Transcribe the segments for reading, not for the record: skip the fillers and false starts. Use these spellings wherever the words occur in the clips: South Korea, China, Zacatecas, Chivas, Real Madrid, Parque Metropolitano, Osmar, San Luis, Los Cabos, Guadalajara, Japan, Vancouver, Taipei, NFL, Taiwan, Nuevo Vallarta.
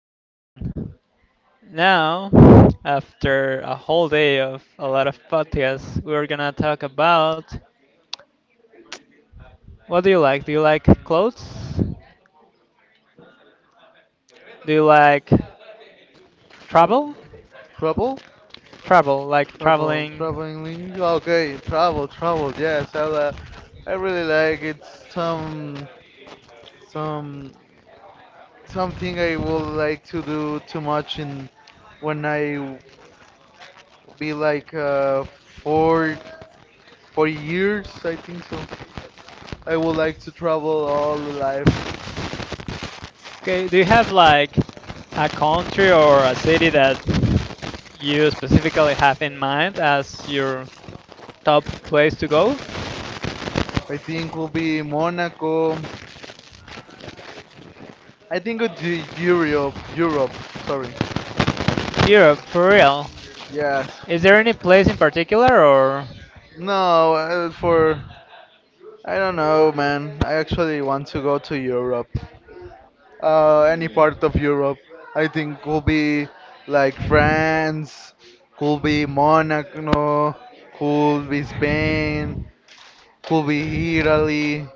back again. Now, after a whole day of a lot of podcasts, we're gonna talk about, what do you like? Do you like clothes? Do you like Trouble? travel? Trouble, Travel, like Trouble, traveling. traveling Okay, travel, travel. Yes, I really like it. Some, something I would like to do too much in when I be like 4 years, I think so. I would like to travel all life. Okay, do you have like a country or a city that you specifically have in mind as your top place to go? I think will be Monaco. I think would be Europe. Europe. Sorry. Europe, for real. Yes. Is there any place in particular or? No, for I don't know, man. I actually want to go to Europe. Any part of Europe. I think could be like France, could be Monaco, could be Spain, could be Italy,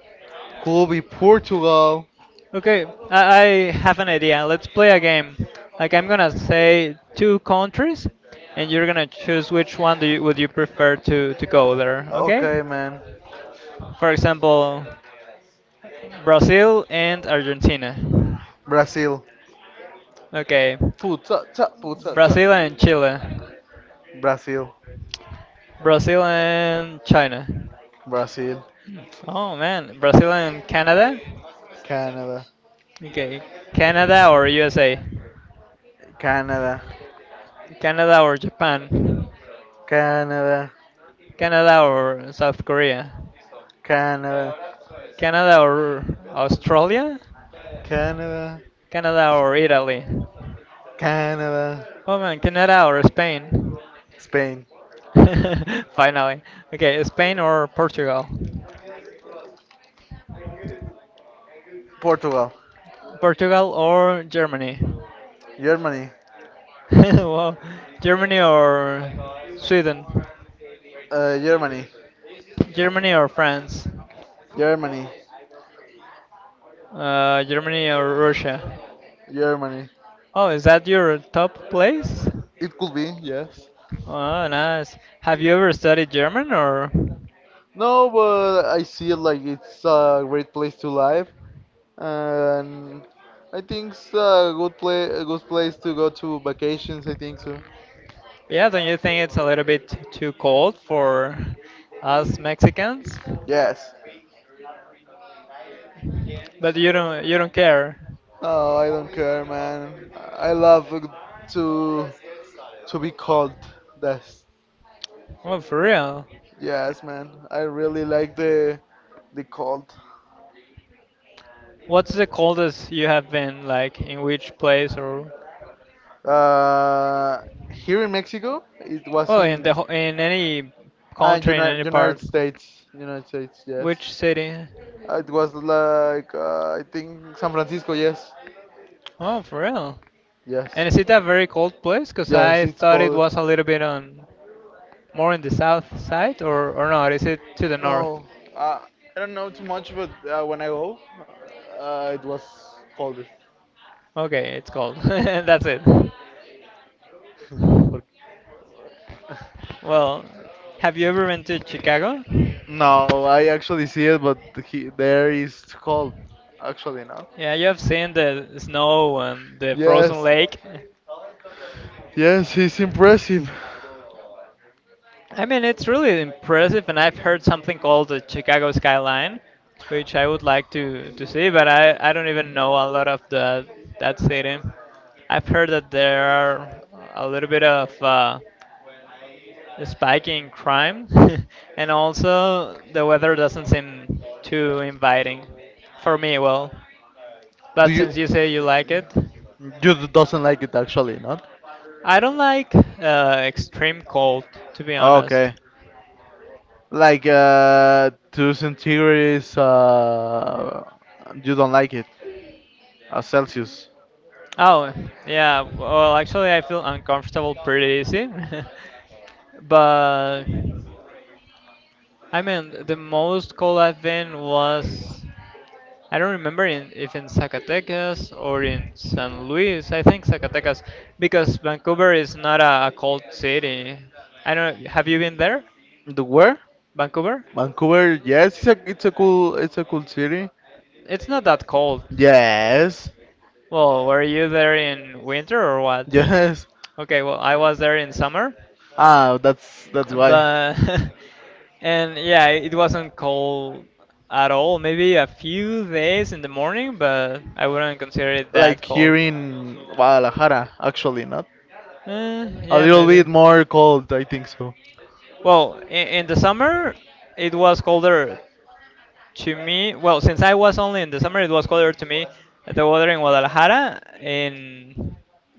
could be Portugal. Okay, I have an idea. Let's play a game. Like I'm gonna say two countries, and you're gonna choose which one do you, would you prefer to go there. Okay? Okay, man. For example, Brazil and Argentina. Brazil. Okay, Puta, ta, puta, ta. Brazil and Chile. Brazil, Brazil and China. Brazil, Oh man, Brazil and Canada. Canada, Okay, Canada or USA. Canada, Canada or Japan. Canada, Canada or South Korea. Canada, Canada or Australia? Canada. Canada or Italy? Canada, Oh man, Canada or Spain? Spain, Finally. Okay, Spain or Portugal? Portugal, Portugal or Germany? Germany, Well, Germany or Sweden? Germany, Germany or France? Germany, Germany or Russia? Germany. Oh, is that your top place? It could be, yes. Oh, nice. Have you ever studied German or? No, but I see it like it's a great place to live, and I think it's a good place, to go to vacations. I think so. Yeah, don't you think it's a little bit too cold for us Mexicans? Yes. But you don't care. No, I don't care, man. I love to be cold. That's. Well, for real. Yes, man. I really like the cold. What's the coldest you have been, like, in which place or Uh, Here in Mexico, it was well in in the in any country, in any United part? States. United States, yes. Which city? It was like I think San Francisco. Yes, Oh, for real. yes, And is it a very cold place? Cause yes. I It's thought it cold. was a little bit on more in the south side or not? Is it to the north? No, uh, I don't know too much, but when I go, it was cold. Okay, it's cold. That's it. Por- Well, have you ever been to Chicago? No, I actually see it, but there is cold. Actually, no. Yeah, you have seen the snow and the frozen Yes. lake. Yes, he's impressive. I mean, it's really impressive, and I've heard something called the Chicago skyline, which I would like to see, but I don't even know a lot of the that city. I've heard that there are a little bit of a spike in crime, and also the weather doesn't seem too inviting for me. Well, Do but you since you say you like it, doesn't like it actually, not? I don't like extreme cold, to be honest. Okay. Like two centigrades you don't like it. Celsius. Oh yeah, well actually I feel uncomfortable pretty easy, but I mean the most cold I've been was I don't remember in, if in Zacatecas or in San Luis. I think Zacatecas because Vancouver is not a cold city. I don't. Have you been there, The where? Vancouver? Vancouver, yes, it's a cool city. It's not that cold. Yes. Well, were you there in winter or what? Yes. Okay, well, I was there in summer, That's why. but and yeah, it wasn't cold at all. Maybe a few days in the morning, but I wouldn't consider it that Like here cold. in Guadalajara, actually, not Eh, a yeah, little maybe. bit more cold. I think so. Well, in the summer it was colder to me. Well, since I was only in the summer, it was colder to me the weather in Guadalajara in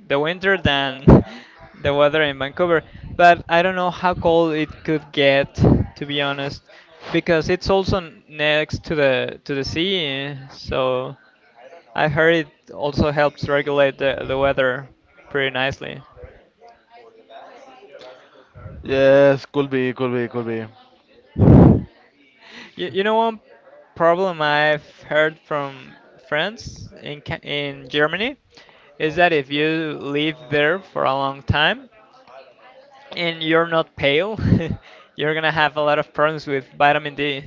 the winter than the weather in Vancouver. But I don't know how cold it could get, to be honest, because it's also next to the sea. So I heard it also helps regulate the weather pretty nicely. Yes, could be, could be, could be. You know, one problem I've heard from friends in in Germany is that if you live there for a long time and you're not pale, you're gonna have a lot of problems with vitamin D.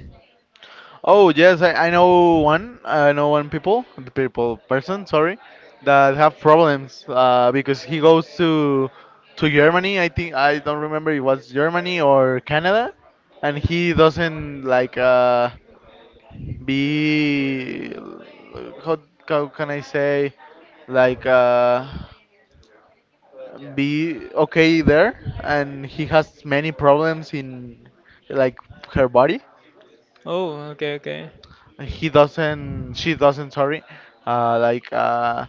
Oh yes, I know one. I know people person, sorry, that have problems because he goes to Germany. I think I don't remember it was Germany or Canada, and he doesn't like be how, how can I say like be okay there and he has many problems in like her body. Oh, okay, okay. He doesn't, she doesn't, sorry, like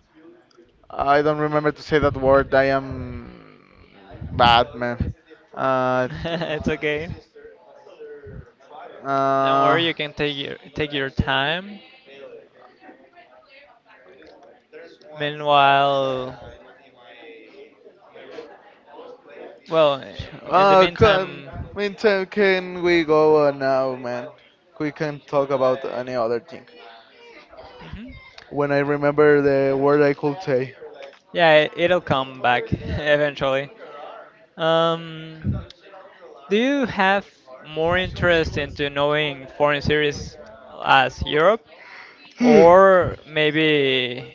I don't remember to say that word. I am bad, man. uh, It's okay. Don't uh, worry, you can take your time. Meanwhile, well, in the Uh, can, meantime, I mean, time can we go on now, man? We can talk about any other thing. mhm, When I remember the word I could say. yeah, it'll come back eventually. Um, do you have more interest into knowing foreign series as Europe or maybe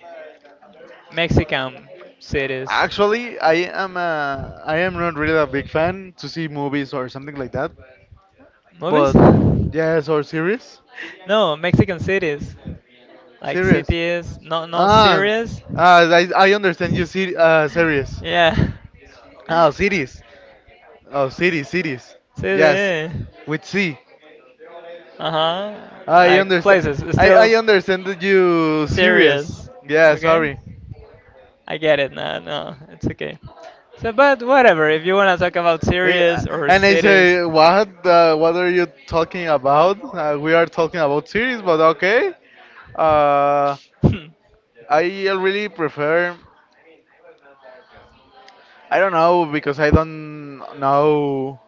Mexican cities? Actually, I am not really a big fan to see movies or something like that. Movies? But yes, or series, No, Mexican cities. Like series. cities, no Ah, series. uh, I understand you see series. Yeah. Ah, series. Oh, cities, cities. Yes, City. with C. Uh-huh. I Like understand. places. I Still understand that you serious. serious. Yeah, Okay, sorry. I get it now. No, it's okay. So, but whatever. If you wanna talk about series or And I cities, say, what? What are you talking about? We are talking about series, but okay. Uh, I really prefer. I don't know because I don't know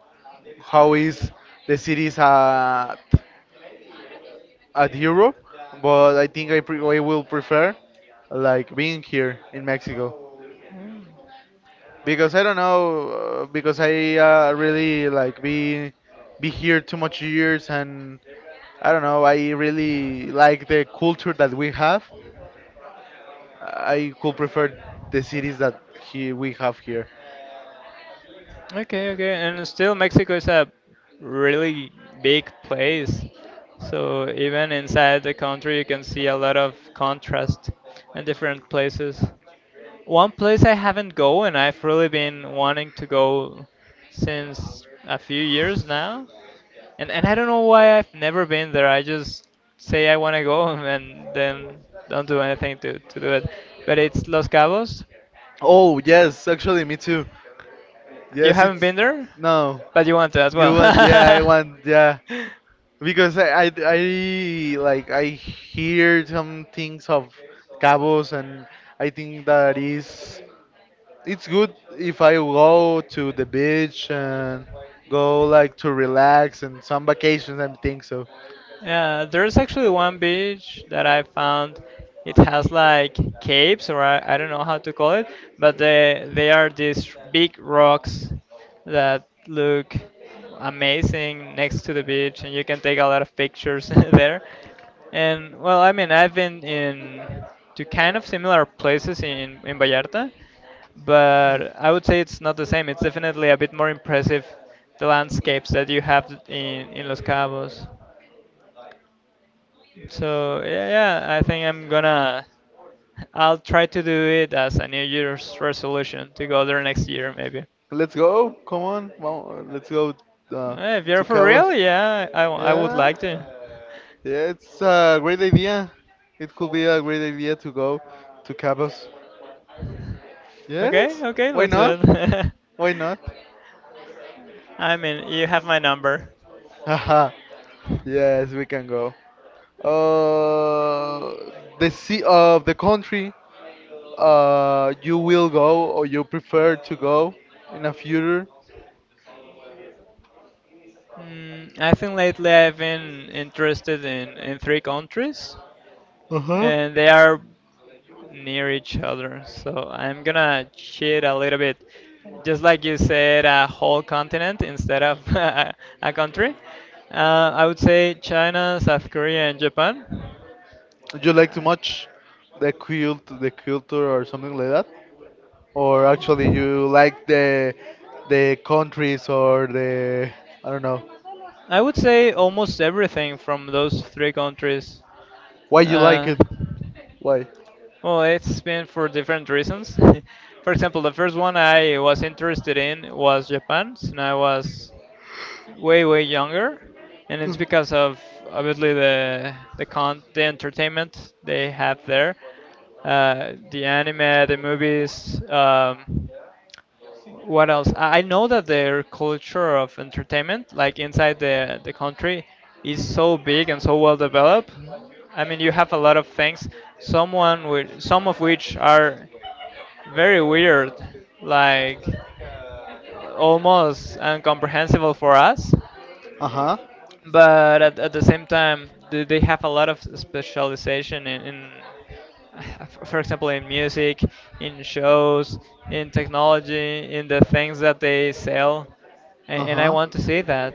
how is the series at Europe, but I think I will prefer like being here in Mexico Mm. because I don't know because I really like be here too much years and I don't know I really like the culture that we have. I could prefer the cities that he we have here. Okay, okay, and still Mexico is a really big place. So even inside the country, you can see a lot of contrast in different places. One place I haven't go and I've really been wanting to go since a few years now. And I don't know why I've never been there. I just say I want to go and then don't do anything to do it. But it's Los Cabos. Oh yes, actually me too. You Yes, haven't it's been there? no. But you want to as You well. want? Yeah, I want. Yeah. Because I like I hear some things of Cabos and I think that is it's good if I go to the beach and go like to relax and some vacations and things. So Yeah, there's actually one beach that I found. It has like caves, or I don't know how to call it, but they are these big rocks that look amazing next to the beach, and you can take a lot of pictures there. And well, I mean, I've been in to kind of similar places in Vallarta, but I would say it's not the same. It's definitely a bit more impressive, the landscapes that you have in Los Cabos. So yeah, yeah, I think I'll try to do it as a New Year's resolution to go there next year maybe. let's go. Come on, well, let's go uh, Eh, if you're to for Cabos. real, yeah, I would Yeah, like to. yeah, it's a great idea. It could be a great idea to go to Cabos. Okay, Yes, okay, why let's do not? it. Why not? I mean, you have my number. Haha. Yes, we can go. Uh, the sea of the country you will go or you prefer to go in a future. Mm, I think lately I've been interested in three countries, Uh-huh. and they are near each other. So I'm gonna cheat a little bit. Just like you said, a whole continent instead of a country. I would say China, South Korea, and Japan. Do you like too Uh, much the culture or something like that? Or actually you like the countries or the I don't know. I would say almost everything from those three countries. Why you like Uh, it? Why? well, it's been for different reasons. For example, the first one I was interested in was Japan, and I was way younger, and it's because of obviously the entertainment they have there, the anime, the movies. What else? I know that their culture of entertainment, like inside the country, is so big and so well developed. I mean, you have a lot of things. Someone with some of which are very weird, like almost incomprehensible for us, Uh huh. but at the same time they have a lot of specialization in for example in music, in shows, in technology, in the things that they sell, Uh and I huh. want to see that.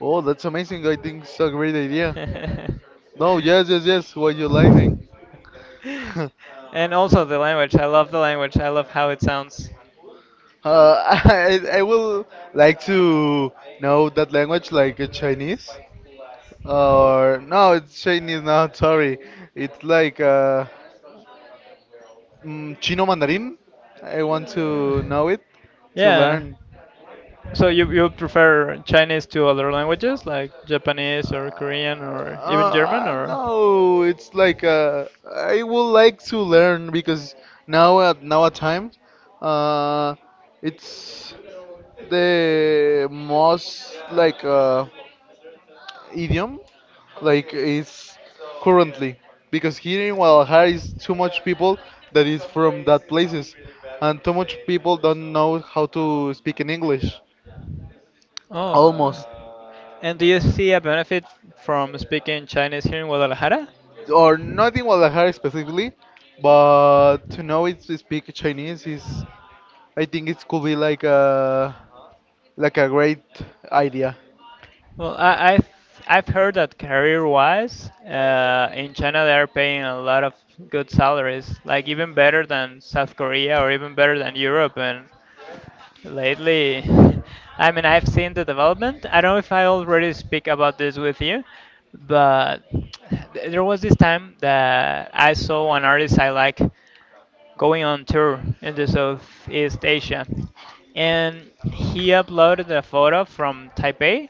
Oh, that's amazing. I think it's a great idea. No, yes, yes, yes. What you liking? And also the language, I love the language, I love how it sounds. I will like to know that language like Chinese. Or no, it's Chinese now. Sorry. It's like Chino Mandarin. I want to know it to Yeah. learn. So you prefer Chinese to other languages like Japanese or Korean or even German or? No, It's like I would like to learn because now at time, uh, it's the most like idiom like is currently because here in Guadalajara is too much people that is from that places and too much people don't know how to speak in English Oh, almost. and do you see a benefit from speaking Chinese here in Guadalajara? Or not in Guadalajara specifically, but to know it to speak Chinese is, I think it could be like a great idea. Well, I've heard that career-wise, in China they are paying a lot of good salaries, like even better than South Korea or even better than Europe, and lately, I mean, I've seen the development. I don't know if I already speak about this with you, but there was this time that I saw an artist I like going on tour in the Southeast Asia, and he uploaded a photo from Taipei,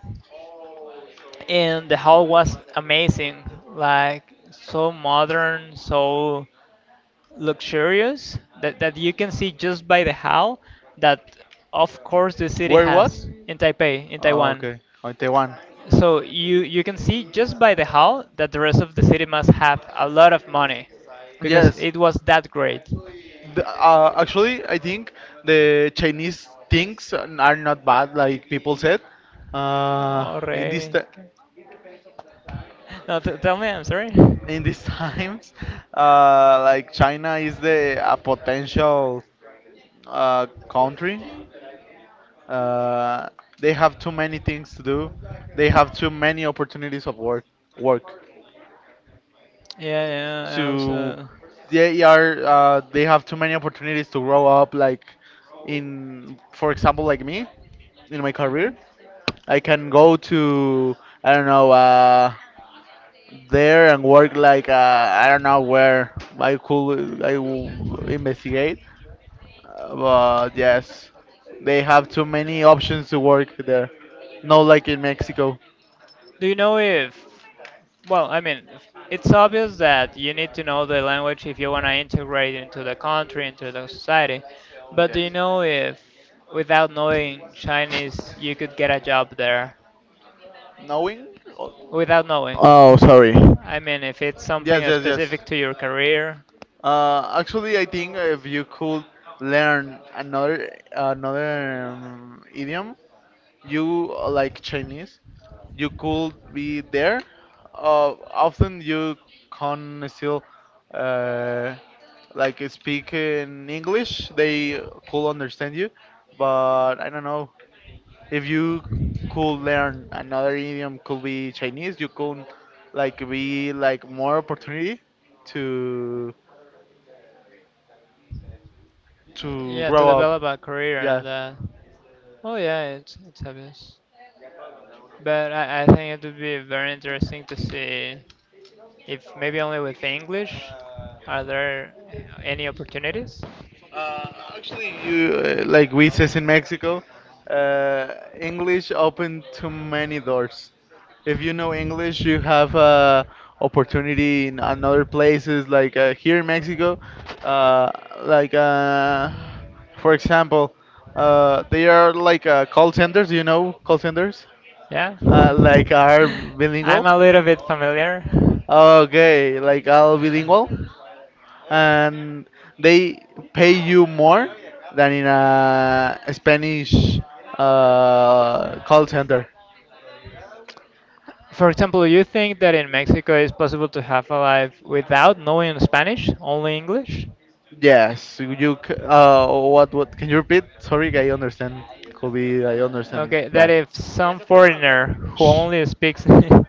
and the hall was amazing, like so modern, so luxurious that, you can see just by the hall that of course the city Where it has, was? in Taipei, in Oh, Taiwan. okay, on Taiwan. So you can see just by the hall that the rest of the city must have a lot of money because Yes. it was that great. Actually, I think the Chinese things are not bad, like people said. Uh, in this, Alright. t- No, tell me, I'm sorry. in these times, like China is the a potential country. Uh, they have too many things to do. They have too many opportunities of work. Work Yeah, yeah, I to also. They are they have too many opportunities to grow up. Like in, for example, like me in my career, I can go to I don't know. There and work like I don't know where I will investigate. But yes, they have too many options to work there. No, like in Mexico. Do you know if, well, I mean, if- it's obvious that you need to know the language if you want to integrate into the country, into the society, but do you know if, without knowing Chinese, you could get a job there? Knowing? Without knowing. Oh, sorry. I mean, if it's Yes, something yes, yes. specific to your career, Actually, I think if you could learn another idiom, you like Chinese, you could be there. Often you can still uh, like speak in English. They could understand you, but I don't know if you could learn another idiom. Could be Chinese. You could like be like more opportunity to. to yeah, to grow up. develop a career in Yeah. that. Oh, yeah, it's obvious. But I think it would be very interesting to see if maybe only with English, are there any opportunities? Uh, Actually, you like we says in Mexico, uh, English open too many doors. If you know English, you have opportunity in another places. Like here in Mexico, uh, like uh, for example, they are like call centers. You know call centers, Yeah. Like are bilingual. I'm a little bit familiar. Okay, like all bilingual and they pay you more than in a Spanish call center. For example, you think that in Mexico it's possible to have a life without knowing Spanish, only English? Yes, what? What? Can you repeat? Sorry, I understand. Could be I understand Okay, that bad. if some foreigner who Shh. only speaks who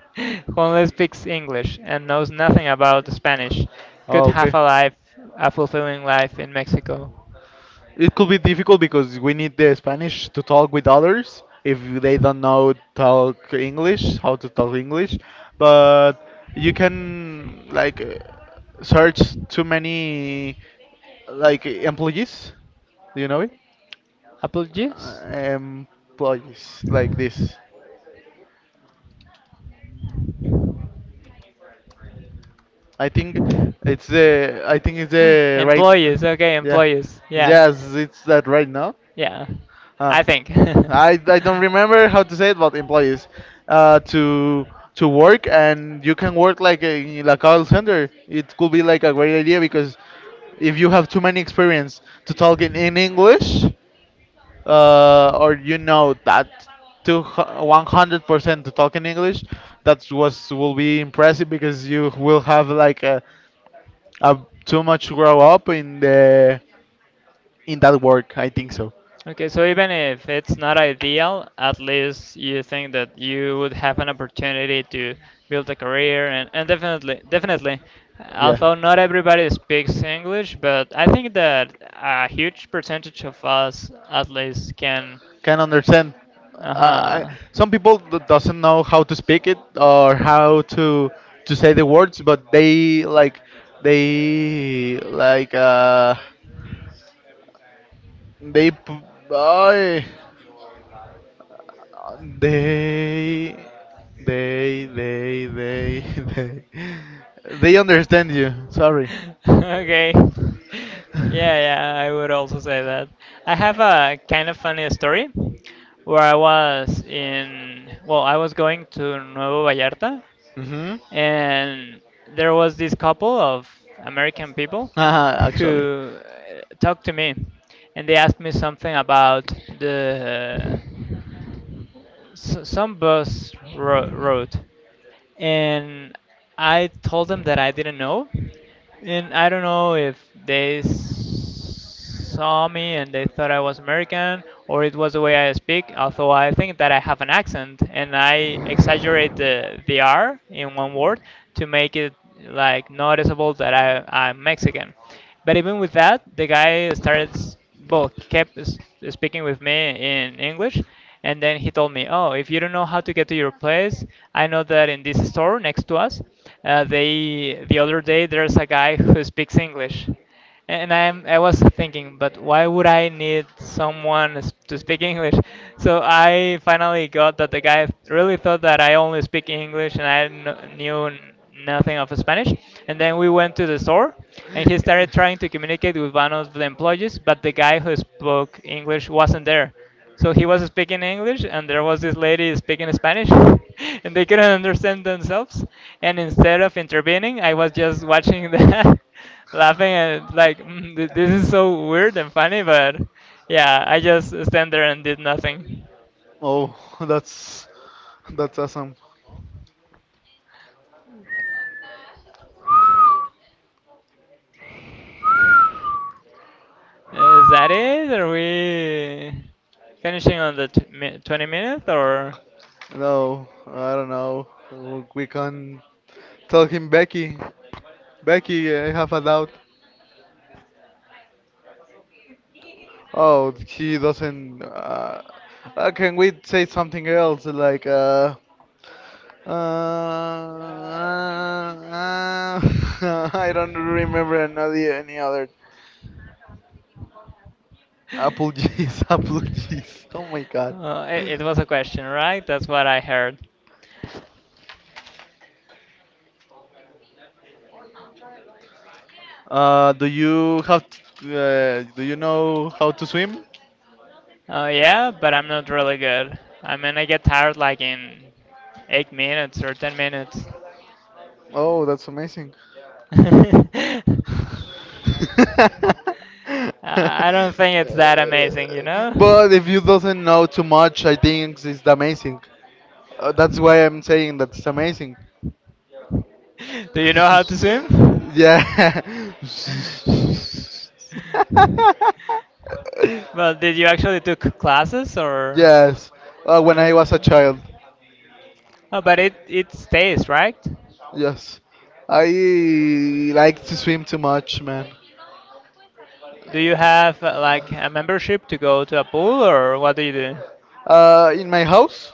only speaks English and knows nothing about Spanish could Oh, okay. have a life, a fulfilling life in Mexico. It could be difficult because we need the Spanish to talk with others if they don't know talk English, how to talk English. But you can like search too many like employees. Do you know it? Apple juice? Employees like this. I think I think it's the right. Employees, okay, Yeah. employees. Yeah. Yes, it's that right now. Yeah, Uh, I think. I don't remember how to say it, but employees uh, to to work and you can work like in a call center. It could be like a great idea because if you have too many experience to talk in English, or you know that to 100% to talk in English, that was will be impressive because you will have like a too much grow up in the in that work. I think so. Okay, so even if it's not ideal, at least you think that you would have an opportunity to build a career, and definitely Yeah. although not everybody speaks English, but I think that a huge percentage of us at least can Can understand. Uh-huh. Some people doesn't know how to speak it or how to say the words, but they like they like they p- I- they they they they understand you. Sorry. Okay. Yeah, Yeah, yeah, I would also say that. I have a kind of funny story where I was in, well, I was going to Nuevo Vallarta, mhm. and there was this couple of American people Haha, who talked to me and they asked me something about the some bus route, and I told them that I didn't know, and I don't know if they saw me and they thought I was American or it was the way I speak. Although I think that I have an accent and I exaggerate the R in one word to make it like noticeable that I'm Mexican. But even with that, the guy started both kept s- speaking with me in English, and then he told me, "Oh, if you don't know how to get to your place, I know that in this store next to us, the other day there's a guy who speaks English." And I was thinking, but why would I need to speak English? So I finally got that the guy really thought that I only speak English and I knew nothing of Spanish. And then we went to the store, and he started trying to communicate with one of the employees, but the guy who spoke English wasn't there. was. So he was speaking English, and there was this lady speaking Spanish, and they couldn't understand themselves. And instead of intervening, I was just watching that, laughing, and like, this is so weird and funny, but yeah, I just stand there and did nothing. Oh, that's that's awesome. Is that it? Are we finishing on the 20-minute or? No, I don't know. We can tell him Becky. Becky, I have a doubt. Oh, he doesn't. Can we say something else? Like, uh, uh, uh, I don't remember another any other apple juice. Apple juice. Oh my God. It was a question, right? That's what I heard. Uh, do you have t do you know how to swim? Oh, yeah, but I'm not really good. I mean, I get tired like in 8 minutes or 10 minutes. Oh, that's amazing. I I don't think it's that amazing, you know? But if you doesn't know too much, I think it's amazing. That's why I'm saying that's amazing. Do you know how to swim? Yeah. Well, did you actually took classes or? Yes. When I Uh, was a child. oh, but it stays, right? Yes. I like to swim too much, man. Do you have like a membership to go to a pool or what do you do? In my house?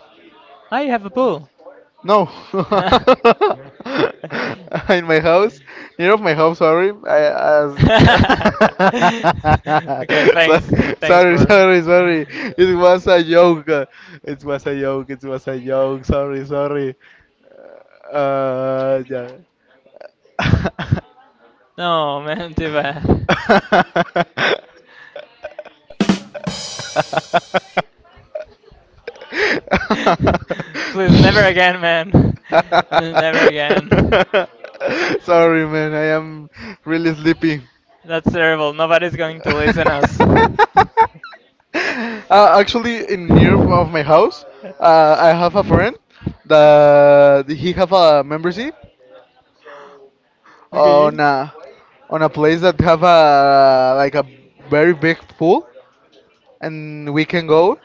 Ah, you have a pool. No. In my house, near of my house. Sorry, I, as Okay, So- thanks. Thanks sorry, for. sorry, sorry. It was a joke. It was a joke. It was a joke. Sorry, sorry. Yeah. No, man, too bad. Tipa. Please, never again, man. Never again. Sorry, man. I am really sleepy. That's terrible. Nobody's going to listen us. Actually, in near of my house, I have a friend that he have a membership Okay. on a place that have a like a very big pool, and we can go.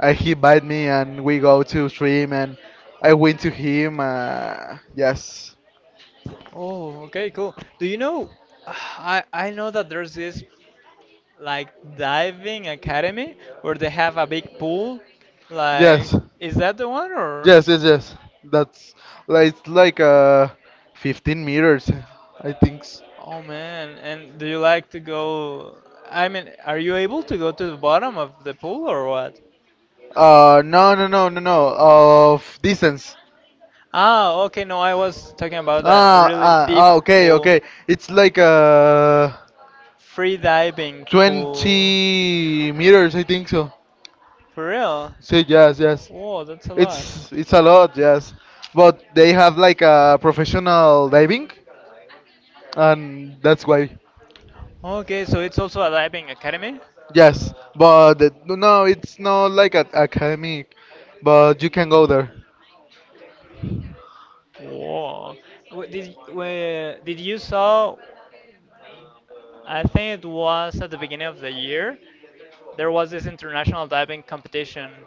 He invite me, and we go to stream, and I went to him. Yes. Oh, okay, cool. Do you know? I know that there's this like diving academy where they have a big pool. Like, is that the one or? Yes, yes, yes. That's like it's like 15 meters, I think. Oh man, and do you like to go? I mean, are you able to go to the bottom of the pool or what? No, no, no, no, no. Of distance. Ah, okay, no, I was talking about that Ah, really deep ah, okay, pool, okay. It's like free diving pool. 20 meters, I think so. For real? See, yes, yes. Whoa, that's a lot. It's a lot, yes. But they have like a professional diving, and that's why. Okay, so it's also a diving academy? Yes, but no, it's not like an academic, but you can go there. Whoa. Did you saw? I think it was at the beginning of the year. There was this international diving competition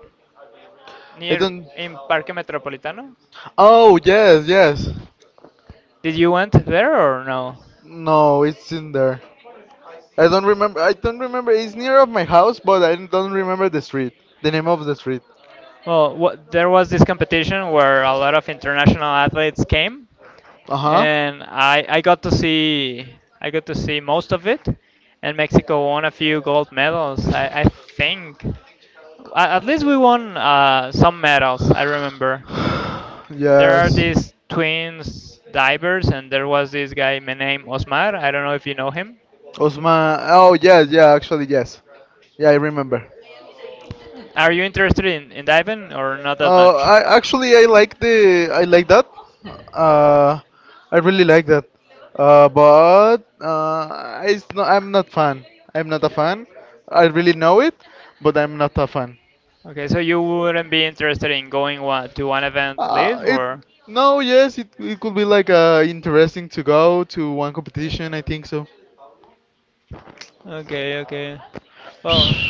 I near don't. in Parque Metropolitano. Oh yes, yes. Did you went there or no? No, it's in there. I don't remember. I don't remember. It's near of my house, but I don't remember the street. The name of the street. Well, what, there was this competition where a lot of international athletes came, Uh huh. and I got to see most of it, and Mexico won a few gold medals. At least we won some medals. I remember. There are Yes. these twins divers, and there was this guy my name Osmar. I don't know if you know him. Osman. Oh yes, yeah. Actually, yes. Yeah, I remember. Are you interested in diving or not that much? I actually I like the I like that. Uh, I really like that. But it's not, I'm not fan. I'm not a fan. I really know it, but I'm not a fan. Okay, so you wouldn't be interested in going to one event live It or? no, yes, it could be like interesting to go to one competition. I think so. Okay, okay. Well,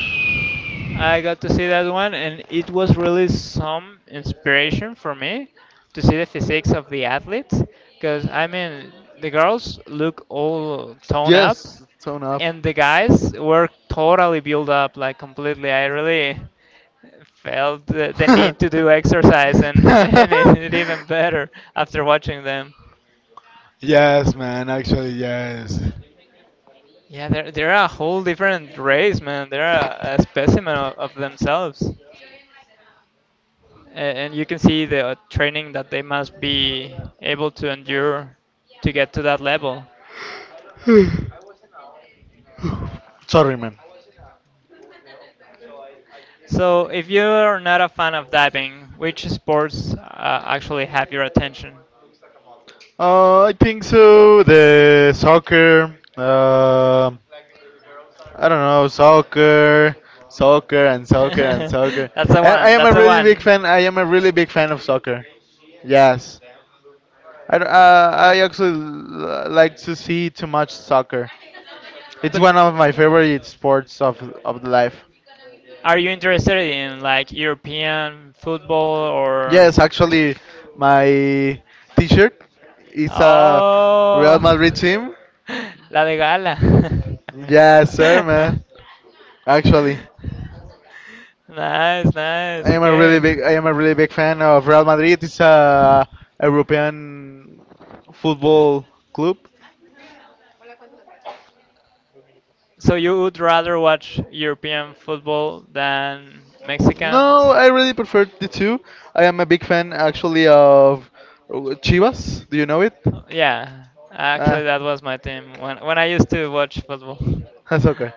I got to see that one, and it was really some inspiration for me to see the physiques of the athletes. Because, I mean, the girls look all toned up, Yes, tone up. and the guys were totally built up, like completely. I really felt the need to do exercise, and, and it even better after watching them. Yes, man. Actually, yes. Yeah, they're a whole different race, man. They're a specimen of themselves. And you can see the training that they must be able to endure to get to that level. Sorry, man. So, if you're not a fan of diving, which sports actually have your attention? I think so. The soccer. Um, I don't know soccer, soccer and soccer and soccer. That's the I one. am a That's the really big one. fan. I am a really big fan of soccer. Yes. I actually like to see too much soccer. It's But one of my favorite sports of the life. are you interested in like European football or? Yes, actually, my T-shirt is a Real Oh, Madrid team. la de gala. Yes, sir, man. Actually, Nice, nice. Okay. I am a really big fan of Real Madrid. It's a European football club. So you would rather watch European football than Mexican? No, I really prefer the two. I am a big fan actually of Chivas. Do you know it? Yeah, Ah. actually, that was my team when I used to watch football, Ah, soccer.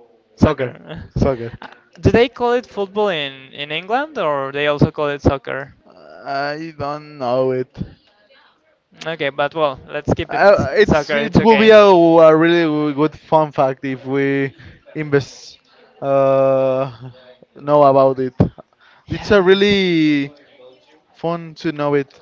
Soccer. soccer. Soccer. Uh, Do they call it football in England or they also call it soccer? I don't know it. Okay, but well, let's keep it It's soccer. It's it will be okay. A really good fun fact if we invest uh, know about it. It's a Yeah. really fun to know it.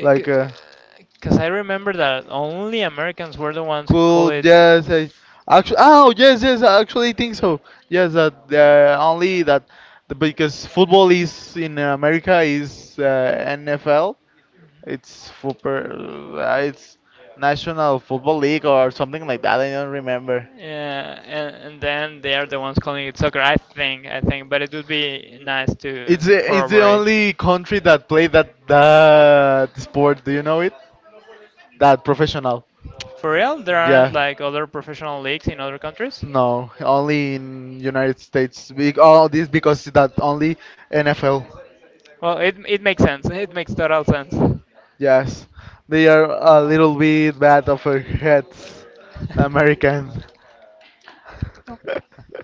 Like, I remember that only Americans were the ones who call cool. it. Yes, I actually. Oh, yes, yes. I actually think so. Yes, that because football is in America is NFL. It's super. It's National Football League or something like that. I don't remember. Yeah, and then they are the ones calling it soccer. I think, but it would be nice to It's the corroborate. only country that play that sport. Do you know it? That professional. For real, there aren't Yeah. like other professional leagues in other countries? No, only in United States. All this because that only NFL. Well, it makes sense. It makes total sense. Yes, they are a little bit bad of her heads, American.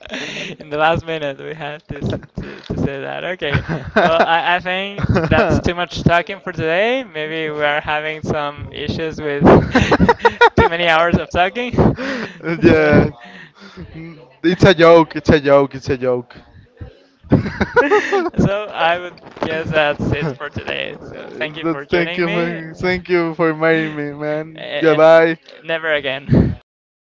In the last minute, we had to, to say that. Okay. Well, I think that's too much talking for today. Maybe we are having some issues with too many hours of Talking. talking. So, Yeah. Mm, it's a joke, it's a joke, it's a joke. So so I would guess that's it for today. So thank you for for thank joining you me. staying. For and, thank you for inviting me, man. and Goodbye. never again. Bye.